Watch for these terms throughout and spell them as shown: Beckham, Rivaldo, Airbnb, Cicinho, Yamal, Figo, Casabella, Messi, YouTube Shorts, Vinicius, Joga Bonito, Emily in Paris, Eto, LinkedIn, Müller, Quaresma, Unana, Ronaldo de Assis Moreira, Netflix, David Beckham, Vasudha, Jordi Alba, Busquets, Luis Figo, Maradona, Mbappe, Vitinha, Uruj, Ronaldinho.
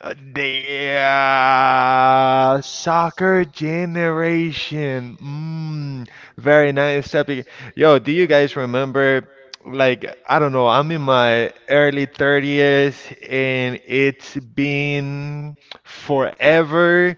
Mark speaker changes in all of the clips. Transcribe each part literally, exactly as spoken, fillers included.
Speaker 1: The uh, soccer generation. Mm, very nice topic. Yo, do you guys remember? Like, I don't know, I'm in my early thirties and it's been forever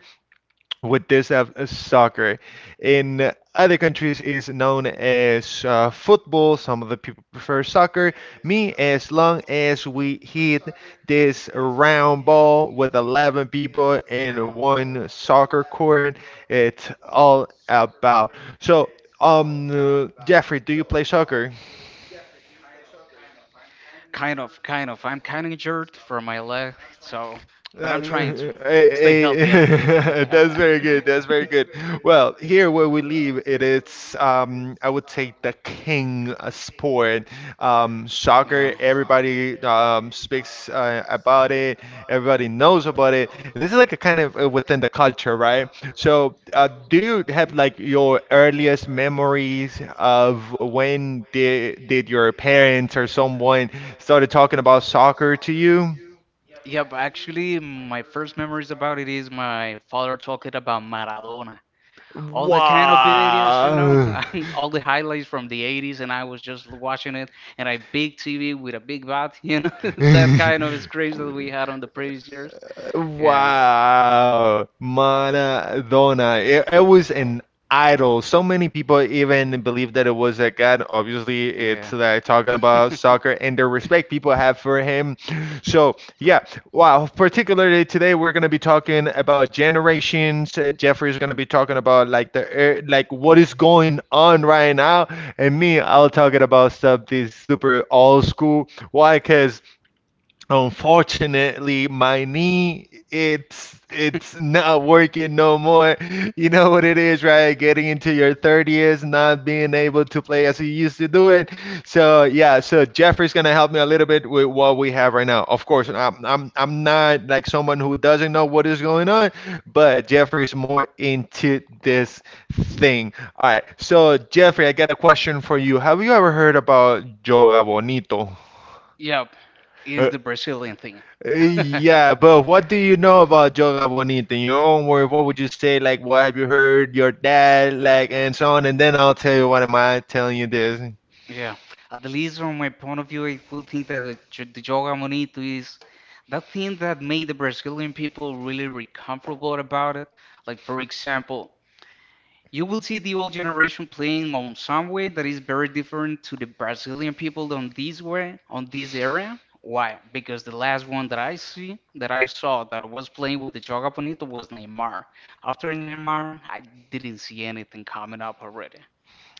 Speaker 1: with this of soccer. In other countries is known as uh, football. Some of the people prefer soccer. Me, as long as we hit this round ball with eleven people in one soccer court, it's all about. So, um, uh, Jeffrey, do you play soccer? Uh, eh, eh, that's very good. That's very good. Well, here where we live, it is um, I would say the king uh, sport, um, soccer. Everybody um, speaks uh, about it. Everybody knows about it, and this is like a kind of uh, within the culture, right? So, uh, do you have like your earliest memories of when did did your parents or someone started talking about soccer to you? Wow. Wow, Maradona. It, it was an idol. So many people even believe that it was a god. Obviously, it's like talking about soccer and the respect people have for him. So, yeah. Wow, particularly today we're going to be talking about generations. Uh, Jeffrey's going to be talking about like the er, like what is going on right now, and me, I'll talking about stuff this super old school. Why? Because unfortunately, my knee, it's it's not working no more. You know what it is, right? Getting into your thirties, not being able to play as you used to do it. So yeah, so Jeffrey's gonna help me a little bit with what we have right now. Of course, I'm I'm I'm not like someone who doesn't know what is going on, but Jeffrey's more into this thing. All right, so Jeffrey, I got a question for you. Have you ever heard about Yoga Bonito? Uh, uh, yeah, but what do you know about Yoga Bonita? In your own words, what would you say? Like, what have you heard your dad like, and so on? And then I'll tell you what am I telling you this.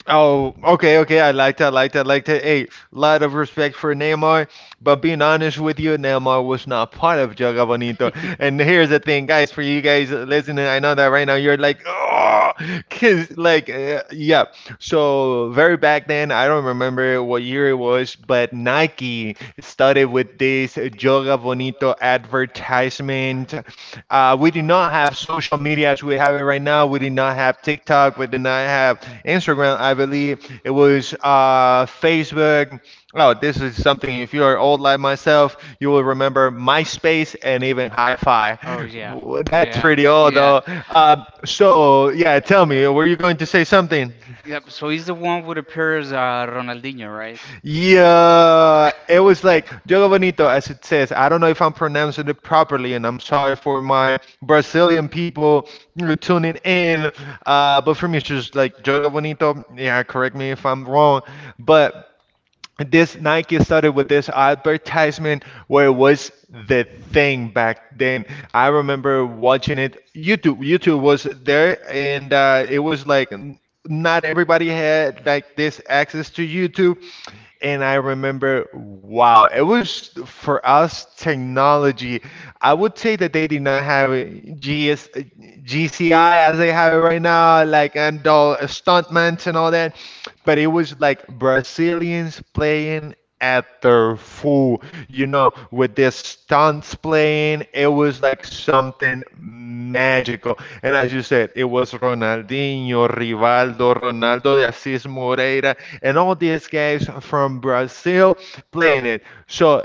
Speaker 1: Oh, okay, okay. I like that. I like that. I like that. Hey, lot of respect for Neymar, but being honest with you, Neymar was not part of Joga Bonito. And here's the thing, guys, for you guys listening, I know that right now you're like, oh, cause like, uh, yeah. So very back then, I don't remember what year it was, but Nike started with this Joga Bonito advertisement. Uh, we did not have social media as we have it right now. We did not have TikTok. We did not have Instagram. I believe it was uh, Facebook. Oh, this is something. If you are old like myself, you will remember MySpace and even Hi-Fi. That's pretty old though. Uh, so yeah, tell me, were you going to say something? Yeah, it was like Jogo Bonito, as it says. I don't know if I'm pronouncing it properly, and I'm sorry for my Brazilian people who are tuning in. Uh, but for me, it's just like Jogo Bonito. Yeah, correct me if I'm wrong. But this Nike started with this advertisement where it was the thing back then. I remember watching it. YouTube, YouTube was there, and uh, it was like n- not everybody had like this access to YouTube. And I remember, wow, it was for us technology. I would say that they did not have a G S, G C I as they have it right now, like and all stuntmen and all that. But it was like Brazilians playing at their full, you know, with their stunts playing. It was like something magical. And as you said, it was Ronaldinho, Rivaldo, Ronaldo de Assis Moreira, and all these guys from Brazil playing it. So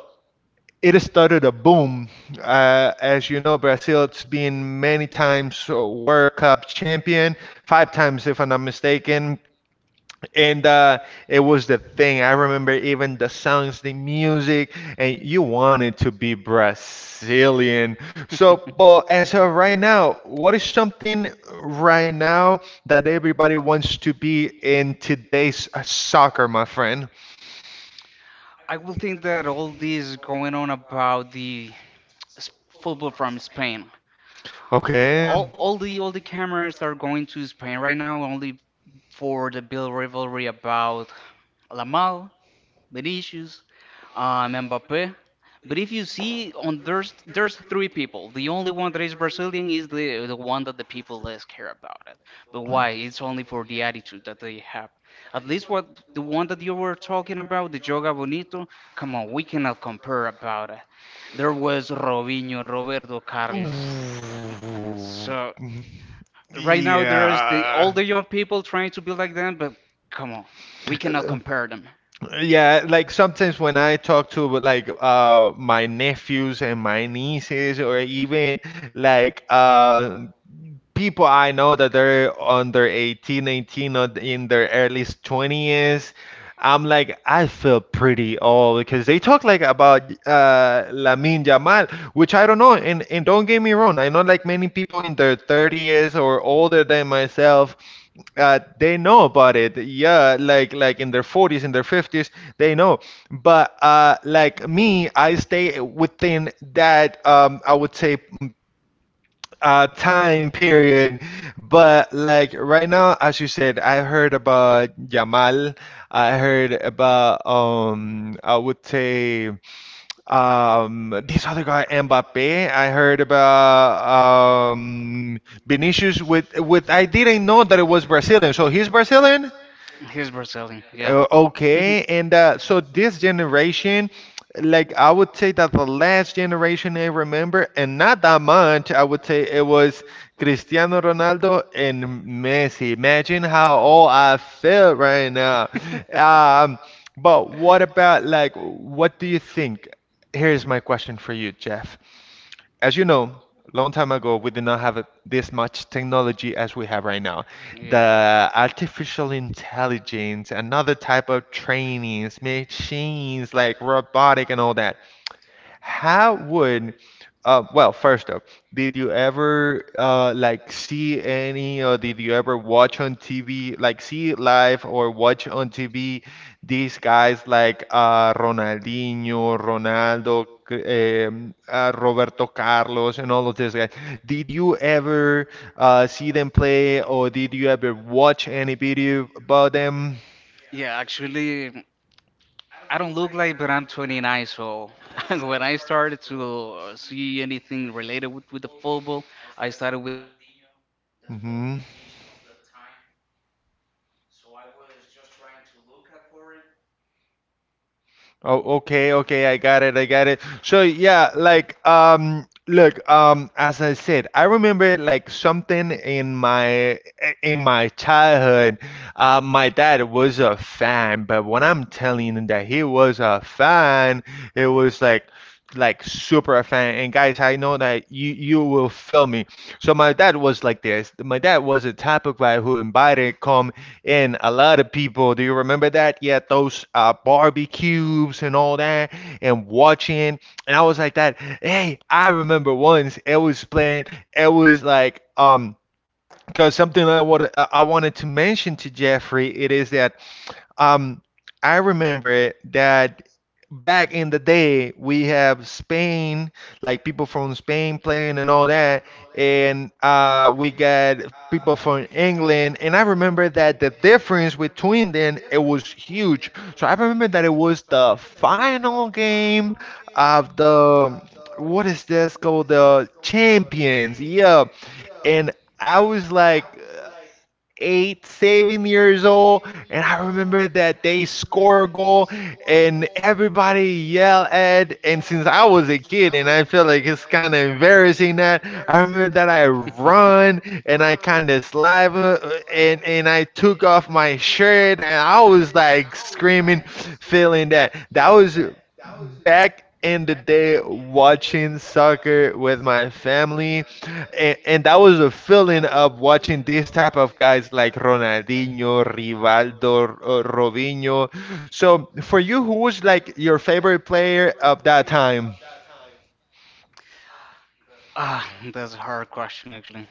Speaker 1: it started a boom. Uh, as you know, Brazil, it's been many times uh, World Cup champion, five times if I'm not mistaken, and uh, it was the thing. I remember even the songs, the music, and you wanted to be Brazilian. So, but as of right now, what is something right now that everybody wants to be in today's uh, soccer, my friend? Okay. Ooh. Yeah. Uh, Yeah, like sometimes when I talk to like uh my nephews and my nieces or even like uh people I know that they're under eighteen, nineteen, or in their early twenties. I'm like, I feel pretty old because they talk like about uh, Lamin Jamal, which I don't know. And, and don't get me wrong, I know like many people in their thirties or older than myself, uh, they know about it. Yeah, like like in their forties, in their fifties, they know. But uh, like me, I stay within that um, I would say mm, uh time period. But like right now as you said, I heard about Yamal, I heard about um I would say um this other guy Mbappe, I heard about um Vinicius with with I didn't know that it was Brazilian, so he's Brazilian. Uh, okay, and uh, so this generation, like I would say that the last generation I remember, and not that much, I would say it was Cristiano Ronaldo and Messi. Imagine how old I feel right now. Um, but what about like, what do you think? Here's my question for you, Jeff. As you know, long time ago, we did not have uh, this much technology as we have right now. The artificial intelligence, another type of trainings, machines like robotic and all that. How would, uh, well, first up, did you ever uh, like see any or did you ever watch on T V, like see live or watch on T V these guys like uh, Ronaldinho, Ronaldo, C- um, uh, Roberto Carlos, and all of these guys? Did you ever uh, see them play or did you ever watch any video about them? Hmm. Oh, okay, okay, I got it, I got it. So yeah, like um look, um as I said, I remember like something in my in my childhood. Uh, my dad was a fan, but when I'm telling you that he was a fan, it was like like super a fan. And guys, I know that you you will feel me. So my dad was like this. My dad was a type of guy who invited come and a lot of people, do you remember that? Yeah, those uh, barbecues and all that, and watching. And I was like that. Hey, I remember once it was playing. It was like um, because something I wanted I I wanted to mention to Jeffrey, it is that um, I remember that back in the day we have Spain, like people from Spain playing and all that, and uh, we got people from England, and I remember that the difference between them it was huge. So I remember that it was the final game of the what is this called the Champions, yeah, and I was like eight, seven years old. And I remember that they score a goal and everybody yell at. And since I was a kid, and I feel like it's kind of embarrassing that I remember that I run and I kind of slide uh, and and I took off my shirt and I was like screaming, feeling that that was back in the day watching soccer with my family. And, and That was the feeling of watching these type of guys like Ronaldinho, Rivaldo, uh, Robinho. So for you, who was like your favorite player of that time?
Speaker 2: Ah, that's a hard question actually.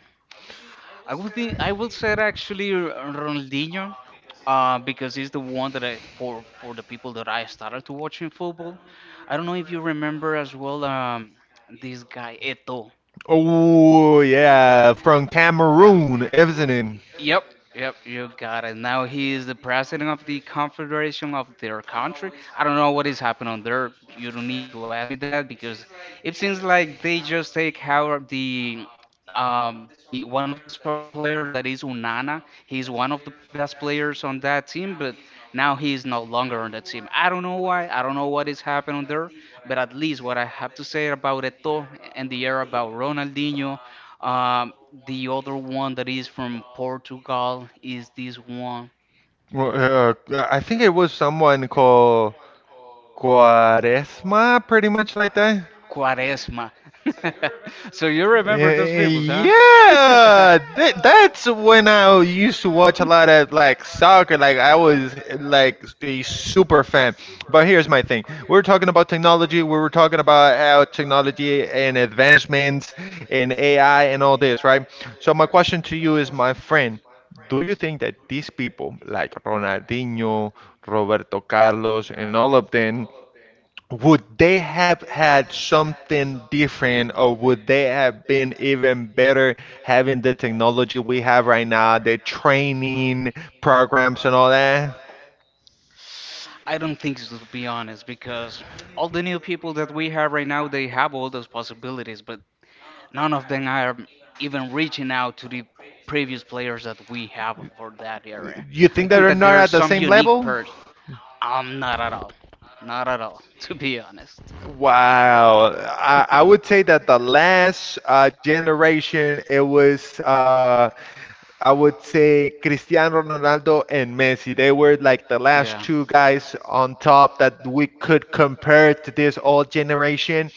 Speaker 2: I would think I would say actually Ronaldinho, uh, because he's the one that I for for the people that I started to watching football. I don't know if you remember as well um this guy Eto.
Speaker 1: Oh yeah, from
Speaker 2: Yeah.
Speaker 1: Cameroon, isn't it?
Speaker 2: Yep, yep, you got it. Now he is the president of the confederation of their country. I don't know what is happening on there. You don't need to ask me that because it seems like they just take how the um the one of the soccer player that is Unana. He's one of the best players on that team, but now he is no longer on that team. I don't know why. I don't know what is happening there, but at least what I have to say about Eto and the era about Ronaldinho um, the other one that is from Portugal is this one.
Speaker 1: Well, Uh, I think it was someone called Quaresma, pretty much like that.
Speaker 2: Quaresma. So you remember those
Speaker 1: Eh,
Speaker 2: people, huh?
Speaker 1: Yeah, that, that's when I used to watch a lot of like soccer. Like I was like a super fan. But here's my thing: we are talking about technology. We were talking about how technology and advancements and A I and all this, right? So my question to you is, my friend, do you think that these people like Ronaldinho, Roberto Carlos, and all of them, would they have had something different or would they have been even better having the technology we have right now, the training programs and all that?
Speaker 2: I don't think so, to be honest, because all the new people that we have right now, they have all those possibilities, but none of them are even reaching out to the previous players that we have for that era.
Speaker 1: You think
Speaker 2: I think
Speaker 1: they're
Speaker 2: that
Speaker 1: not
Speaker 2: there are
Speaker 1: at the
Speaker 2: some
Speaker 1: same
Speaker 2: unique
Speaker 1: level?
Speaker 2: pers. Um, not at all. Not at all, to be honest.
Speaker 1: Wow. I, I would say that the last uh, generation, it was, uh, I would say, Cristiano Ronaldo and Messi. They were like the last two
Speaker 2: Yeah.
Speaker 1: guys on top that we could compare to this old generation.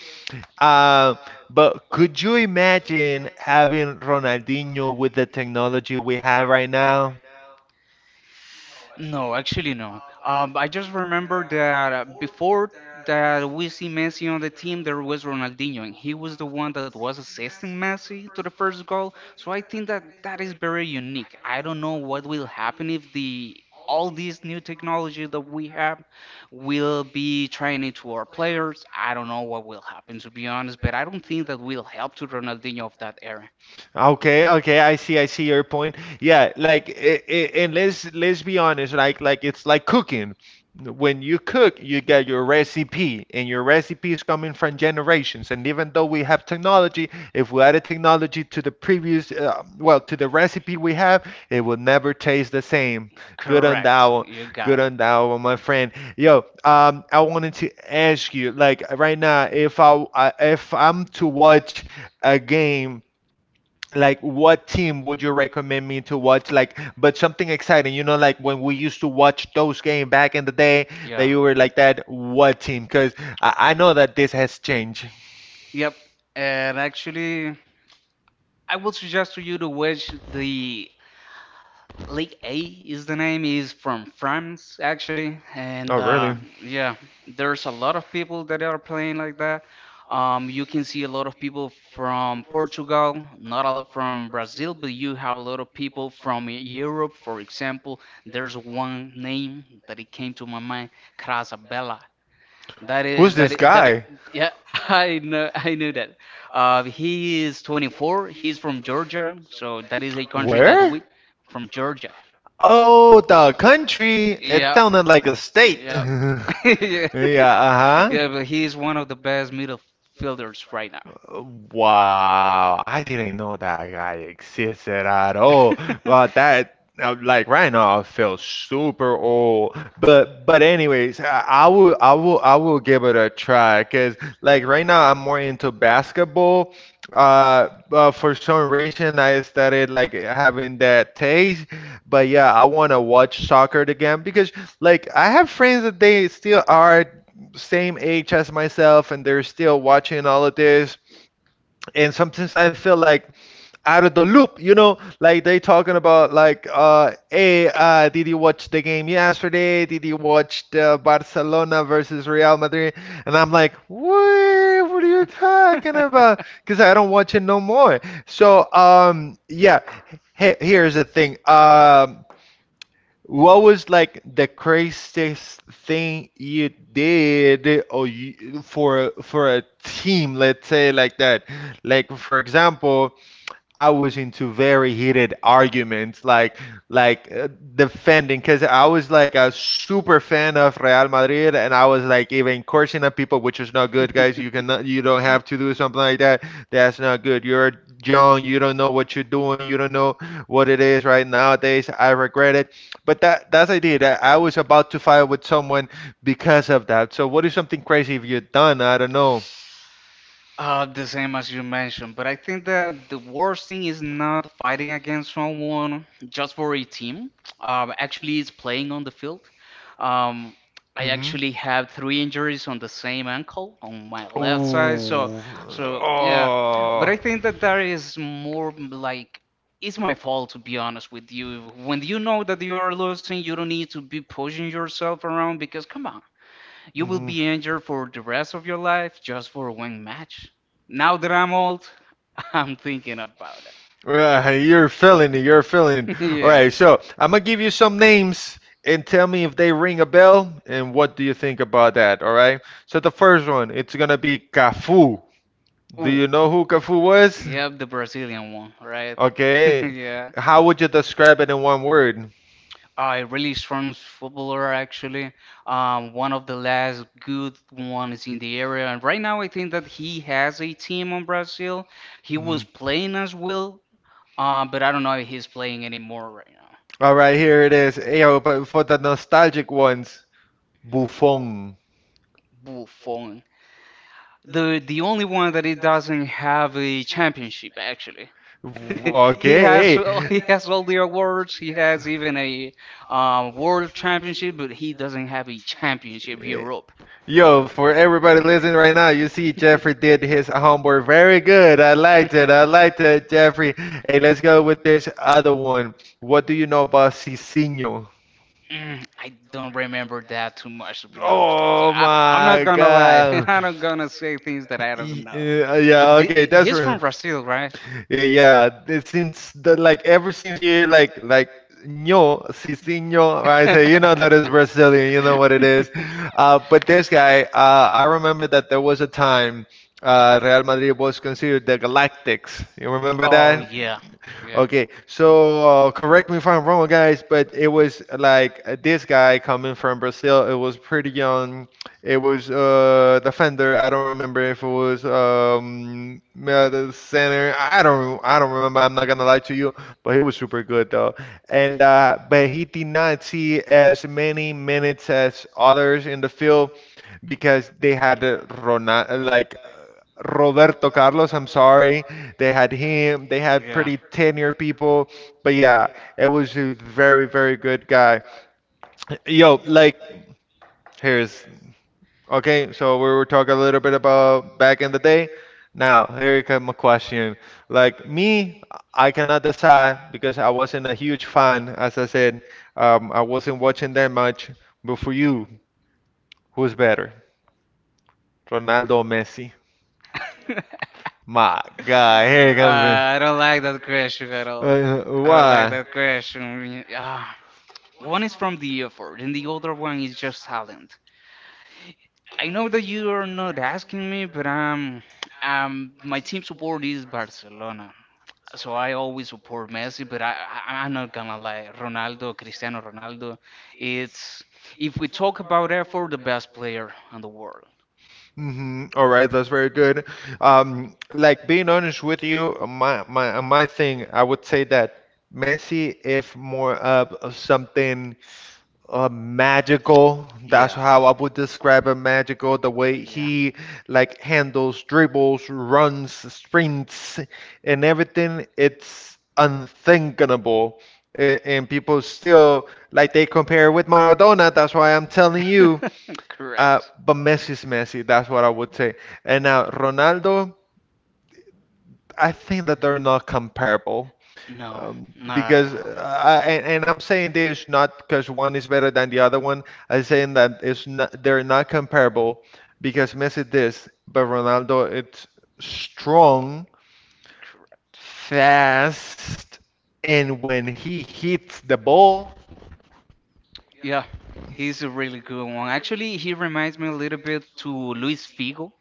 Speaker 1: Uh, but could you imagine having Ronaldinho with the technology we have right now?
Speaker 2: No, actually no. Um, I just remember that uh, before that we see Messi on the team, there was Ronaldinho, and he was the one that was assisting Messi to the first goal. So I think that that is very unique. I don't know what will happen if the all this new technology that we have will be trying it to our players. I don't know what will happen to be honest, but I don't think that will help to Ronaldinho of that era.
Speaker 1: Okay, okay, I see, I see your point. Yeah, like, i i and let's let's be honest, like, like it's like cooking. When you cook, you get your recipe, and your recipe is coming from generations. And even though we have technology, if we added technology to the previous, uh, well, to the recipe we have, it will never taste the same. Good on that
Speaker 2: Correct.
Speaker 1: one.
Speaker 2: You
Speaker 1: Good
Speaker 2: got it.
Speaker 1: on that one, my friend. Yo, um, I wanted to ask you, like, right now, if I, I if I'm to watch a game like what team would you recommend me to watch like but something exciting you know like when we used to watch those games back in the day that
Speaker 2: Yeah.
Speaker 1: you were like that what team because I, I know that this has changed.
Speaker 2: Yep. And actually, I would suggest to you to watch the League A is the name is from France actually,
Speaker 1: Oh,
Speaker 2: and uh,
Speaker 1: really?
Speaker 2: yeah, there's a lot of people that are playing like that. Um, you can see a lot of people from Portugal, not a lot from Brazil, but you have a lot of people from Europe. For example, there's one name that it came to my mind, Casabella. That is
Speaker 1: Who's
Speaker 2: that
Speaker 1: this
Speaker 2: is, that
Speaker 1: guy?
Speaker 2: I- yeah, I know I knew that. Uh, he is twenty-four. He's from Georgia, so that is a country that
Speaker 1: Where?
Speaker 2: we from Georgia.
Speaker 1: Oh, the country? It
Speaker 2: Yeah.
Speaker 1: sounded like a state.
Speaker 2: Yeah. Yeah.
Speaker 1: Yeah. Uh-huh.
Speaker 2: Yeah, but he is one of the best midfielders right now.
Speaker 1: Wow, I didn't know that guy existed at all. But that uh, like right now I feel super old. But but anyways, I, I will I will I will give it a try because like right now I'm more into basketball. Uh, but for some reason I started like having that taste. But yeah, I want to watch soccer again because like I have friends that they still are same age as myself and they're still watching all of this and sometimes I feel like out of the loop, you know, like they talking about like, uh, hey, uh, did you watch the game yesterday? Did you watch the Barcelona versus Real Madrid? And I'm like, what? What are you talking about? Because I don't watch it no more. So, um, yeah. Hey, here's the thing. Um, what was like the craziest thing you did or you, for for a team, let's say like that. Like for example, I was into very heated arguments, like like uh, defending, because I was like a super fan of Real Madrid, and I was like even cursing at people, which is not good, guys. You cannot, you don't have to do something like that. That's not good. You're young, you don't know what you're doing, you don't know what it is right nowadays. I regret it, but that that's the idea. That I was about to fight with someone because of that. So, what is something crazy you've done? I don't know.
Speaker 2: Uh, the same as you mentioned, but I think that the worst thing is not fighting against someone just for a team. Um, actually, it's playing on the field. Um, I
Speaker 1: Hmm.
Speaker 2: actually have three injuries on the same ankle on my left side, so
Speaker 1: Ooh.
Speaker 2: so yeah. But
Speaker 1: Oh.
Speaker 2: I think that that is more like it's my fault to be honest with you. When you know that you are losing, you don't need to be pushing yourself around because come on. You will
Speaker 1: Mhm.
Speaker 2: be injured for the rest of your life just for one match. Now that I'm old, I'm thinking about it.
Speaker 1: Yeah, hey, you're feeling it. You're feeling it. All
Speaker 2: Yeah.
Speaker 1: right, so I'm gonna give you some names and tell me if they ring a bell and what do you think about that. All right. So the first one, it's gonna be Cafu. Do
Speaker 2: Ooh.
Speaker 1: you know who Cafu was?
Speaker 2: Yep, the Brazilian one, right?
Speaker 1: Okay.
Speaker 2: Yeah.
Speaker 1: How would you describe it in one word?
Speaker 2: A really strong footballer, actually. Um, one of the last good ones in the area. And right now, I think that he has a team on Brazil. He was
Speaker 1: Mhm.
Speaker 2: playing as well, uh, but I don't know if he's playing anymore right now.
Speaker 1: All right, here it is. Ayo, but for the nostalgic ones, Buffon.
Speaker 2: Buffon. The the only one that he doesn't have a championship actually. He
Speaker 1: Okay.
Speaker 2: has
Speaker 1: Eh,
Speaker 2: he has all the awards. He has even a um, world championship, but he doesn't have a championship Europe.
Speaker 1: Yo, for everybody listening right now, you see Jeffrey did his homework very good. I liked it. I liked it, Jeffrey. Hey, let's go with this other one. What do you know about Cicinho?
Speaker 2: Mm, I don't remember that too much, to be honest with you.
Speaker 1: Oh
Speaker 2: I, I'm not
Speaker 1: my
Speaker 2: gonna lie, and
Speaker 1: God.
Speaker 2: I'm not gonna say things that I don't
Speaker 1: Y-
Speaker 2: know.
Speaker 1: uh, yeah,
Speaker 2: But the,
Speaker 1: okay, that's
Speaker 2: he's
Speaker 1: right.
Speaker 2: from Brazil, right?
Speaker 1: Yeah, yeah. it- Since the, like ever since you hear like like ño, Cicinho, I say you know that is Brazilian, you know what it is. Uh, but this guy, uh, I remember that there was a time uh, Real Madrid was considered the Galactics. You remember
Speaker 2: Oh
Speaker 1: that?
Speaker 2: yeah, yeah,
Speaker 1: Okay, so uh, correct me if I'm wrong, guys, but it was like uh, this guy coming from Brazil. It was pretty young. It was uh defender. I don't remember if it was um uh, the center. I I don't. I don't remember. I'm not gonna lie to you, but he was super good though. And uh, but he did not see as many minutes as others in the field because they had uh, Rona like uh, Roberto Carlos. I'm sorry. They had him. They had
Speaker 2: yeah.
Speaker 1: pretty tenure people. But yeah, it was a very, very good guy. Yo, like, here's okay. So we were talking a little bit about back in the day. Now, here comes a question. Like me, I cannot decide because I wasn't a huge fan. As I said, um, I wasn't watching that much. But for you, who's better, Ronaldo or Messi?
Speaker 2: uh,
Speaker 1: My God, here it comes.
Speaker 2: I don't like that question at
Speaker 1: In.
Speaker 2: all.
Speaker 1: Uh,
Speaker 2: I don't like
Speaker 1: why?
Speaker 2: that question. Uh, one is from the effort, and the other one is just talent. I know that you are not asking me, but um, um, my team support is Barcelona. So I always support Messi, but I, I I'm not gonna lie, Ronaldo, Cristiano Ronaldo, it's if we talk about effort, the best player in the world.
Speaker 1: Mm-hmm. All right, that's very good. Um, like being honest with you, uh, my my uh, my thing, I would say that Messi, if more of, of something uh, magical, that's
Speaker 2: Yeah.
Speaker 1: how I would describe a magical. The way
Speaker 2: Yeah.
Speaker 1: he like handles dribbles, runs, sprints, and everything, it's unthinkable. A- And people still like they compare with Maradona. That's why I'm telling you. Uh,
Speaker 2: Correct.
Speaker 1: but Messi is Messi, that's what I would say. And now Ronaldo, I think that they're not comparable.
Speaker 2: No,
Speaker 1: Um,
Speaker 2: not at
Speaker 1: because
Speaker 2: all.
Speaker 1: uh, I, and, and I'm saying this not because one is better than the other one. I'm saying that it's not they're not comparable because Messi this, but Ronaldo it's strong, fast, and when he hits the ball,
Speaker 2: Yeah, he's a really good one. Actually, he reminds me a little bit to Luis Figo.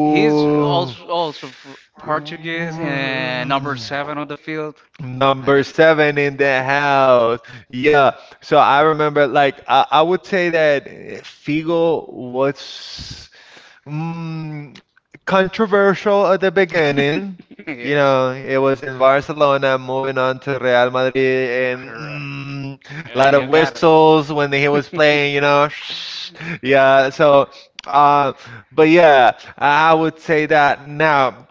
Speaker 2: He's also also fr- Portuguese and number
Speaker 1: Mm.
Speaker 2: seven on the field. Uh,
Speaker 1: Number seven in the house. Yeah. So I remember, like, I, I would say that eh, Figo was Mm, controversial at the beginning. You
Speaker 2: yeah.
Speaker 1: know, it was in Barcelona, moving on to Real Madrid, and
Speaker 2: Correct.
Speaker 1: mm, a
Speaker 2: Yeah,
Speaker 1: lot
Speaker 2: you
Speaker 1: of
Speaker 2: got it.
Speaker 1: whistles when he was playing, you know. Yeah, so, uh, but yeah, I I would say that now.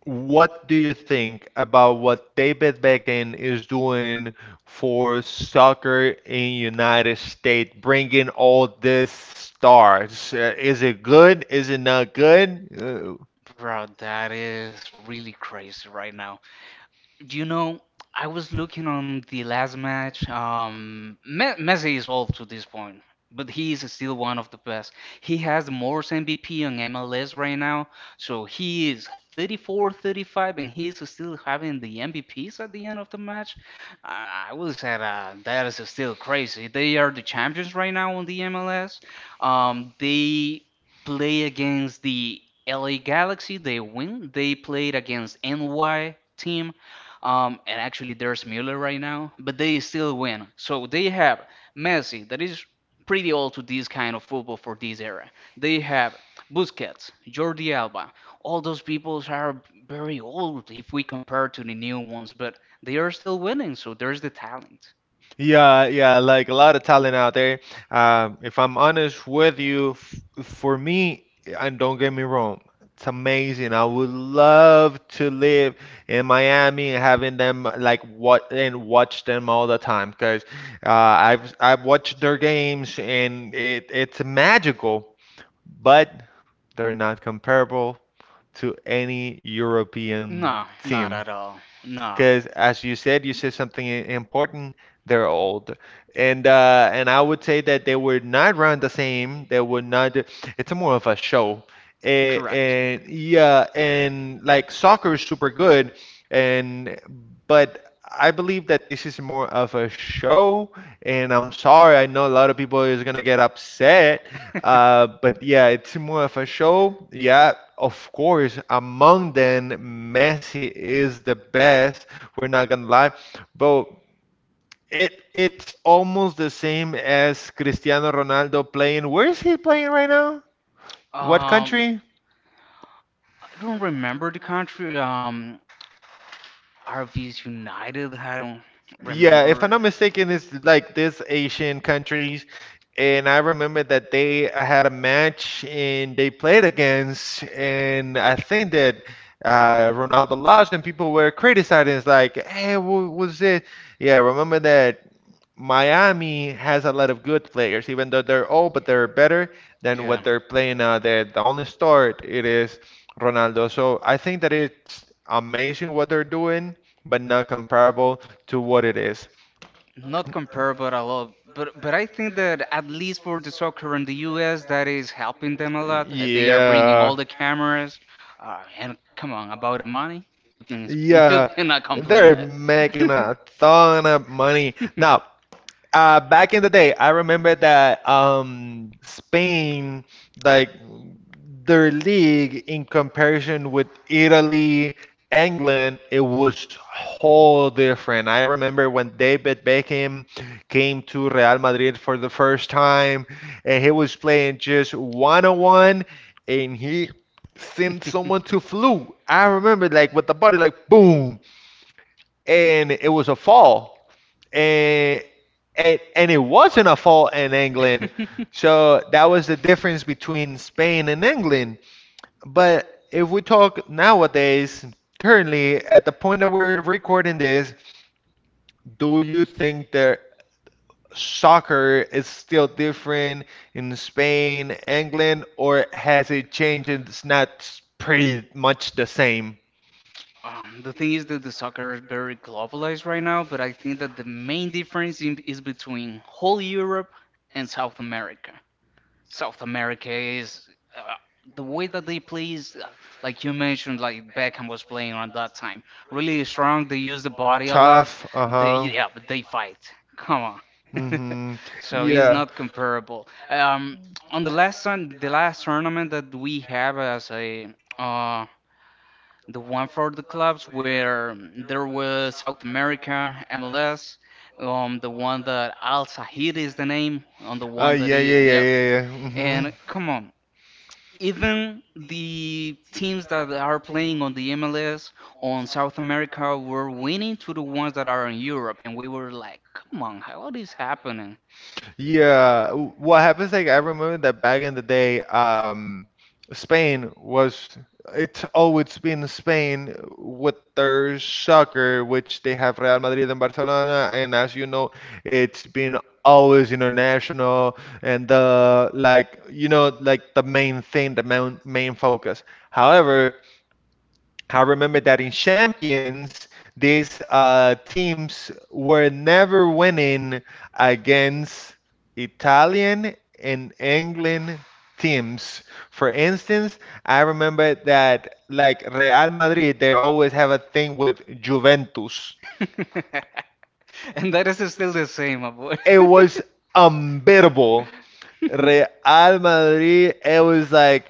Speaker 1: What do you think about what David Beckham is doing for soccer in United States, bringing all these stars? Uh, Is it good? Is it not good? Uh,
Speaker 2: Bro, that is really crazy right now. You know, I was looking on the last match. Um, Me- Messi is old to this point, but he is still one of the best. He has the most M V P on M L S right now, so he is thirty-four, thirty-five, and he's still having the M V Ps at the end of the match. Uh, I will say that uh, that is still crazy. They are the champions right now on the M L S. Um, they play against the L A Galaxy, they win. They played against N Y team um, and actually, there's Müller right now, but they still win. So they have Messi, that is pretty old to this kind of football for this era. They have Busquets, Jordi Alba. All those people are very old if we compare to the new ones, but they are still winning. So there's the talent.
Speaker 1: Yeah, yeah, like a lot of talent out there. Um, if I'm honest with you, f for me, and don't get me wrong, it's amazing. I would love to live in Miami, having them like what and watch them all the time, because uh, I've I've watched their games and it it's magical. But they're not comparable to any European
Speaker 2: No,
Speaker 1: team.
Speaker 2: not at all. No.
Speaker 1: Because as you said, you said something i- important. They're old, and uh, and I would say that they would not run the same. They would not. do- It's more of a show, and,
Speaker 2: Correct.
Speaker 1: and yeah, and like soccer is super good, and but I believe that this is more of a show. And I'm sorry, I know a lot of people is gonna get upset uh, but yeah, it's more of a show. Yeah, of course, among them, Messi is the best. We're not gonna lie, but it it's almost the same as Cristiano Ronaldo playing. Where is he playing right now? What
Speaker 2: Um,
Speaker 1: country?
Speaker 2: I don't remember the country. Um, R Vs United. I don't Yeah,
Speaker 1: Yeah, if
Speaker 2: remember.
Speaker 1: I'm not mistaken, it's like this Asian countries, and I remember that they I had a match and they played against, and I think that uh, Ronaldo lost, and people were criticizing, it's like, hey, what was it? Yeah, remember that Miami has a lot of good players, even though they're old, but they're better than
Speaker 2: Yeah,
Speaker 1: what they're playing now. They're the only start it is Ronaldo. So I think that it's amazing what they're doing, but not comparable to what it is.
Speaker 2: not comparable at all. But but I think that at least for the soccer in the U S, that is helping them a lot. They are bringing Yeah. all
Speaker 1: Yeah.
Speaker 2: the cameras. Uh, and come on, about the money, you can explain, you
Speaker 1: Yeah,
Speaker 2: cannot complain
Speaker 1: they're making
Speaker 2: that.
Speaker 1: a ton of money. Now, uh, back in the day, I remember that um, Spain, like their league in comparison with Italy, England, it was whole different. I remember when David Beckham came to Real Madrid for the first time, and he was playing just one on one, and he sent someone to flew. I remember like with the body, like boom, and it was a fall and and and it wasn't a fault in England. So that was the difference between Spain and England. But if we talk nowadays, currently at the point that we're recording this, do you think that soccer is still different in Spain, England, or has it changed? And it's not pretty much the same.
Speaker 2: Um, the thing is that the soccer is very globalized right now, but I think that the main difference in, is between whole Europe and South America. South America is uh, the way that they play is uh, like you mentioned, like Beckham was playing on that time. Really strong. They use the body a lot.
Speaker 1: Tough,
Speaker 2: They
Speaker 1: uh-huh.
Speaker 2: yeah, but they fight. Come on.
Speaker 1: Mm-hmm.
Speaker 2: So he's
Speaker 1: Yeah.
Speaker 2: not comparable. Um, on the last one, the last tournament that we have as a uh, the one for the clubs where mm, there was South America, M L S, um, the one that Al Sahid is the name, on the one
Speaker 1: Uh,
Speaker 2: that
Speaker 1: yeah, yeah, yeah,
Speaker 2: is, yep.
Speaker 1: yeah, yeah. Mm-hmm.
Speaker 2: And come on, even the teams that are playing on the M L S on South America were winning to the ones that are in Europe, and we were like, come on, how is this happening?
Speaker 1: Yeah, w- what happens like I remember that back in the day, um, Spain was it's always been Spain with their soccer, which they have Real Madrid and Barcelona, and as you know, it's been always international and the like you know like the main thing, the main main focus. However, I remember that in Champions, these uh, teams were never winning against Italian and England teams. For instance, I remember that like Real Madrid, they always have a thing with Juventus.
Speaker 2: And that is still the same, my boy.
Speaker 1: It was unbeatable. Real Madrid, it was like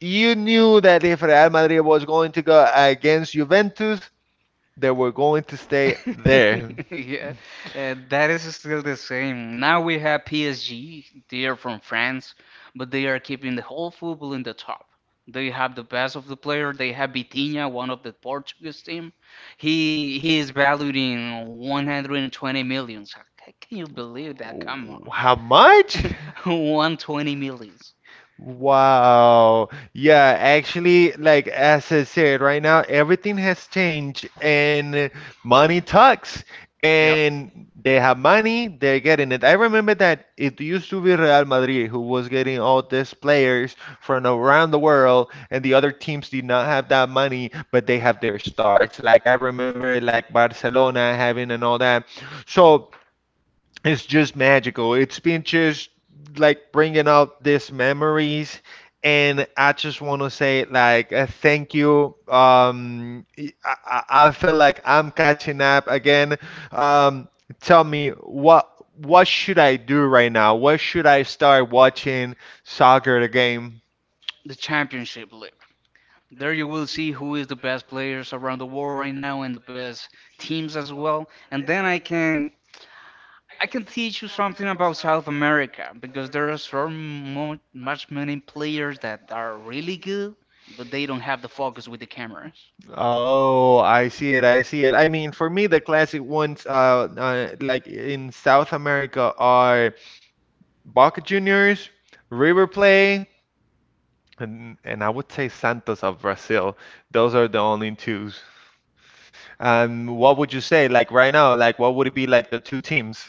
Speaker 1: you knew that if Real Madrid was going to go against Juventus, they were going to stay there.
Speaker 2: Yeah, uh, that is still the same. Now we have P S G. They are from France, but they are keeping the whole football in the top. They have the best of the player. They have Vitinha, one of the Portuguese team. He he is valued in one hundred twenty millions. How ca- can you believe that? Come on.
Speaker 1: How much?
Speaker 2: one hundred twenty millions.
Speaker 1: Wow. Yeah, actually, like as I said, right now everything has changed and money talks
Speaker 2: Yep.
Speaker 1: and they have money, they're getting it. I remember that it used to be Real Madrid who was getting all these players from around the world and the other teams did not have that money, but they have their stars. Like I remember like Barcelona having and all that. So it's just magical. It's been just like bringing out these memories. And I just want to say, like, uh, thank you. Um, I, I I feel like I'm catching up again. Um, Tell me what what should I do right now? What should I start watching soccer the game?
Speaker 2: The Championship League. There you will see who is the best players around the world right now and the best teams as well. And then I can I can teach you something about South America because there are so mo much many players that are really good, but they don't have the focus with the cameras.
Speaker 1: Oh, I see it. I see it. I mean, for me, the classic ones, uh, uh like in South America, are Boca Juniors, River Plate, and, and I would say Santos of Brazil. Those are the only two. And what would you say, like right now, like what would it be like the two teams?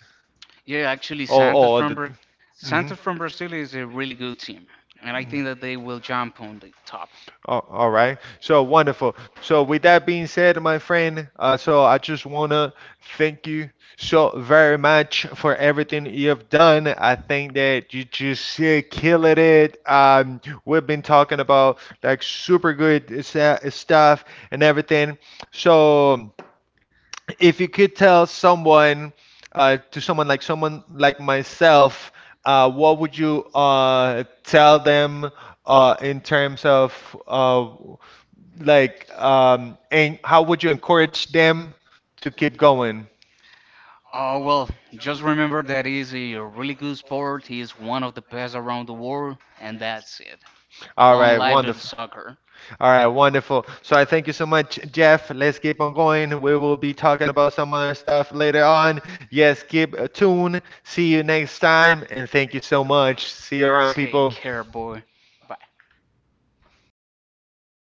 Speaker 2: Yeah, actually,
Speaker 1: Oh,
Speaker 2: Santos
Speaker 1: oh, the.
Speaker 2: from Braz
Speaker 1: Mhm.
Speaker 2: Santos from Brazil is a really good team, and I think that they will jump on the top.
Speaker 1: Oh, all right. So wonderful. So with that being said, my friend, uh, so I just wanna thank you so very much for everything you've done. I think that you just uh, killed it. Um, we've been talking about like super good sa- stuff and everything. So if you could tell someone, uh, to someone like someone like myself, uh, what would you uh tell them? Uh, in terms of uh, like um and how would you encourage them to keep going?
Speaker 2: Oh well, just remember that he's a really good sport. He is one of the best around the world, and that's it.
Speaker 1: All
Speaker 2: Long
Speaker 1: right,
Speaker 2: live to the
Speaker 1: wonderful.
Speaker 2: soccer.
Speaker 1: All right, wonderful. So I thank you so much, Jeff. Let's keep on going. We will be talking about some other stuff later on. Yes, keep tuned. See you next time, and thank you so much. See you around,
Speaker 2: Take
Speaker 1: people.
Speaker 2: care, boy. Bye.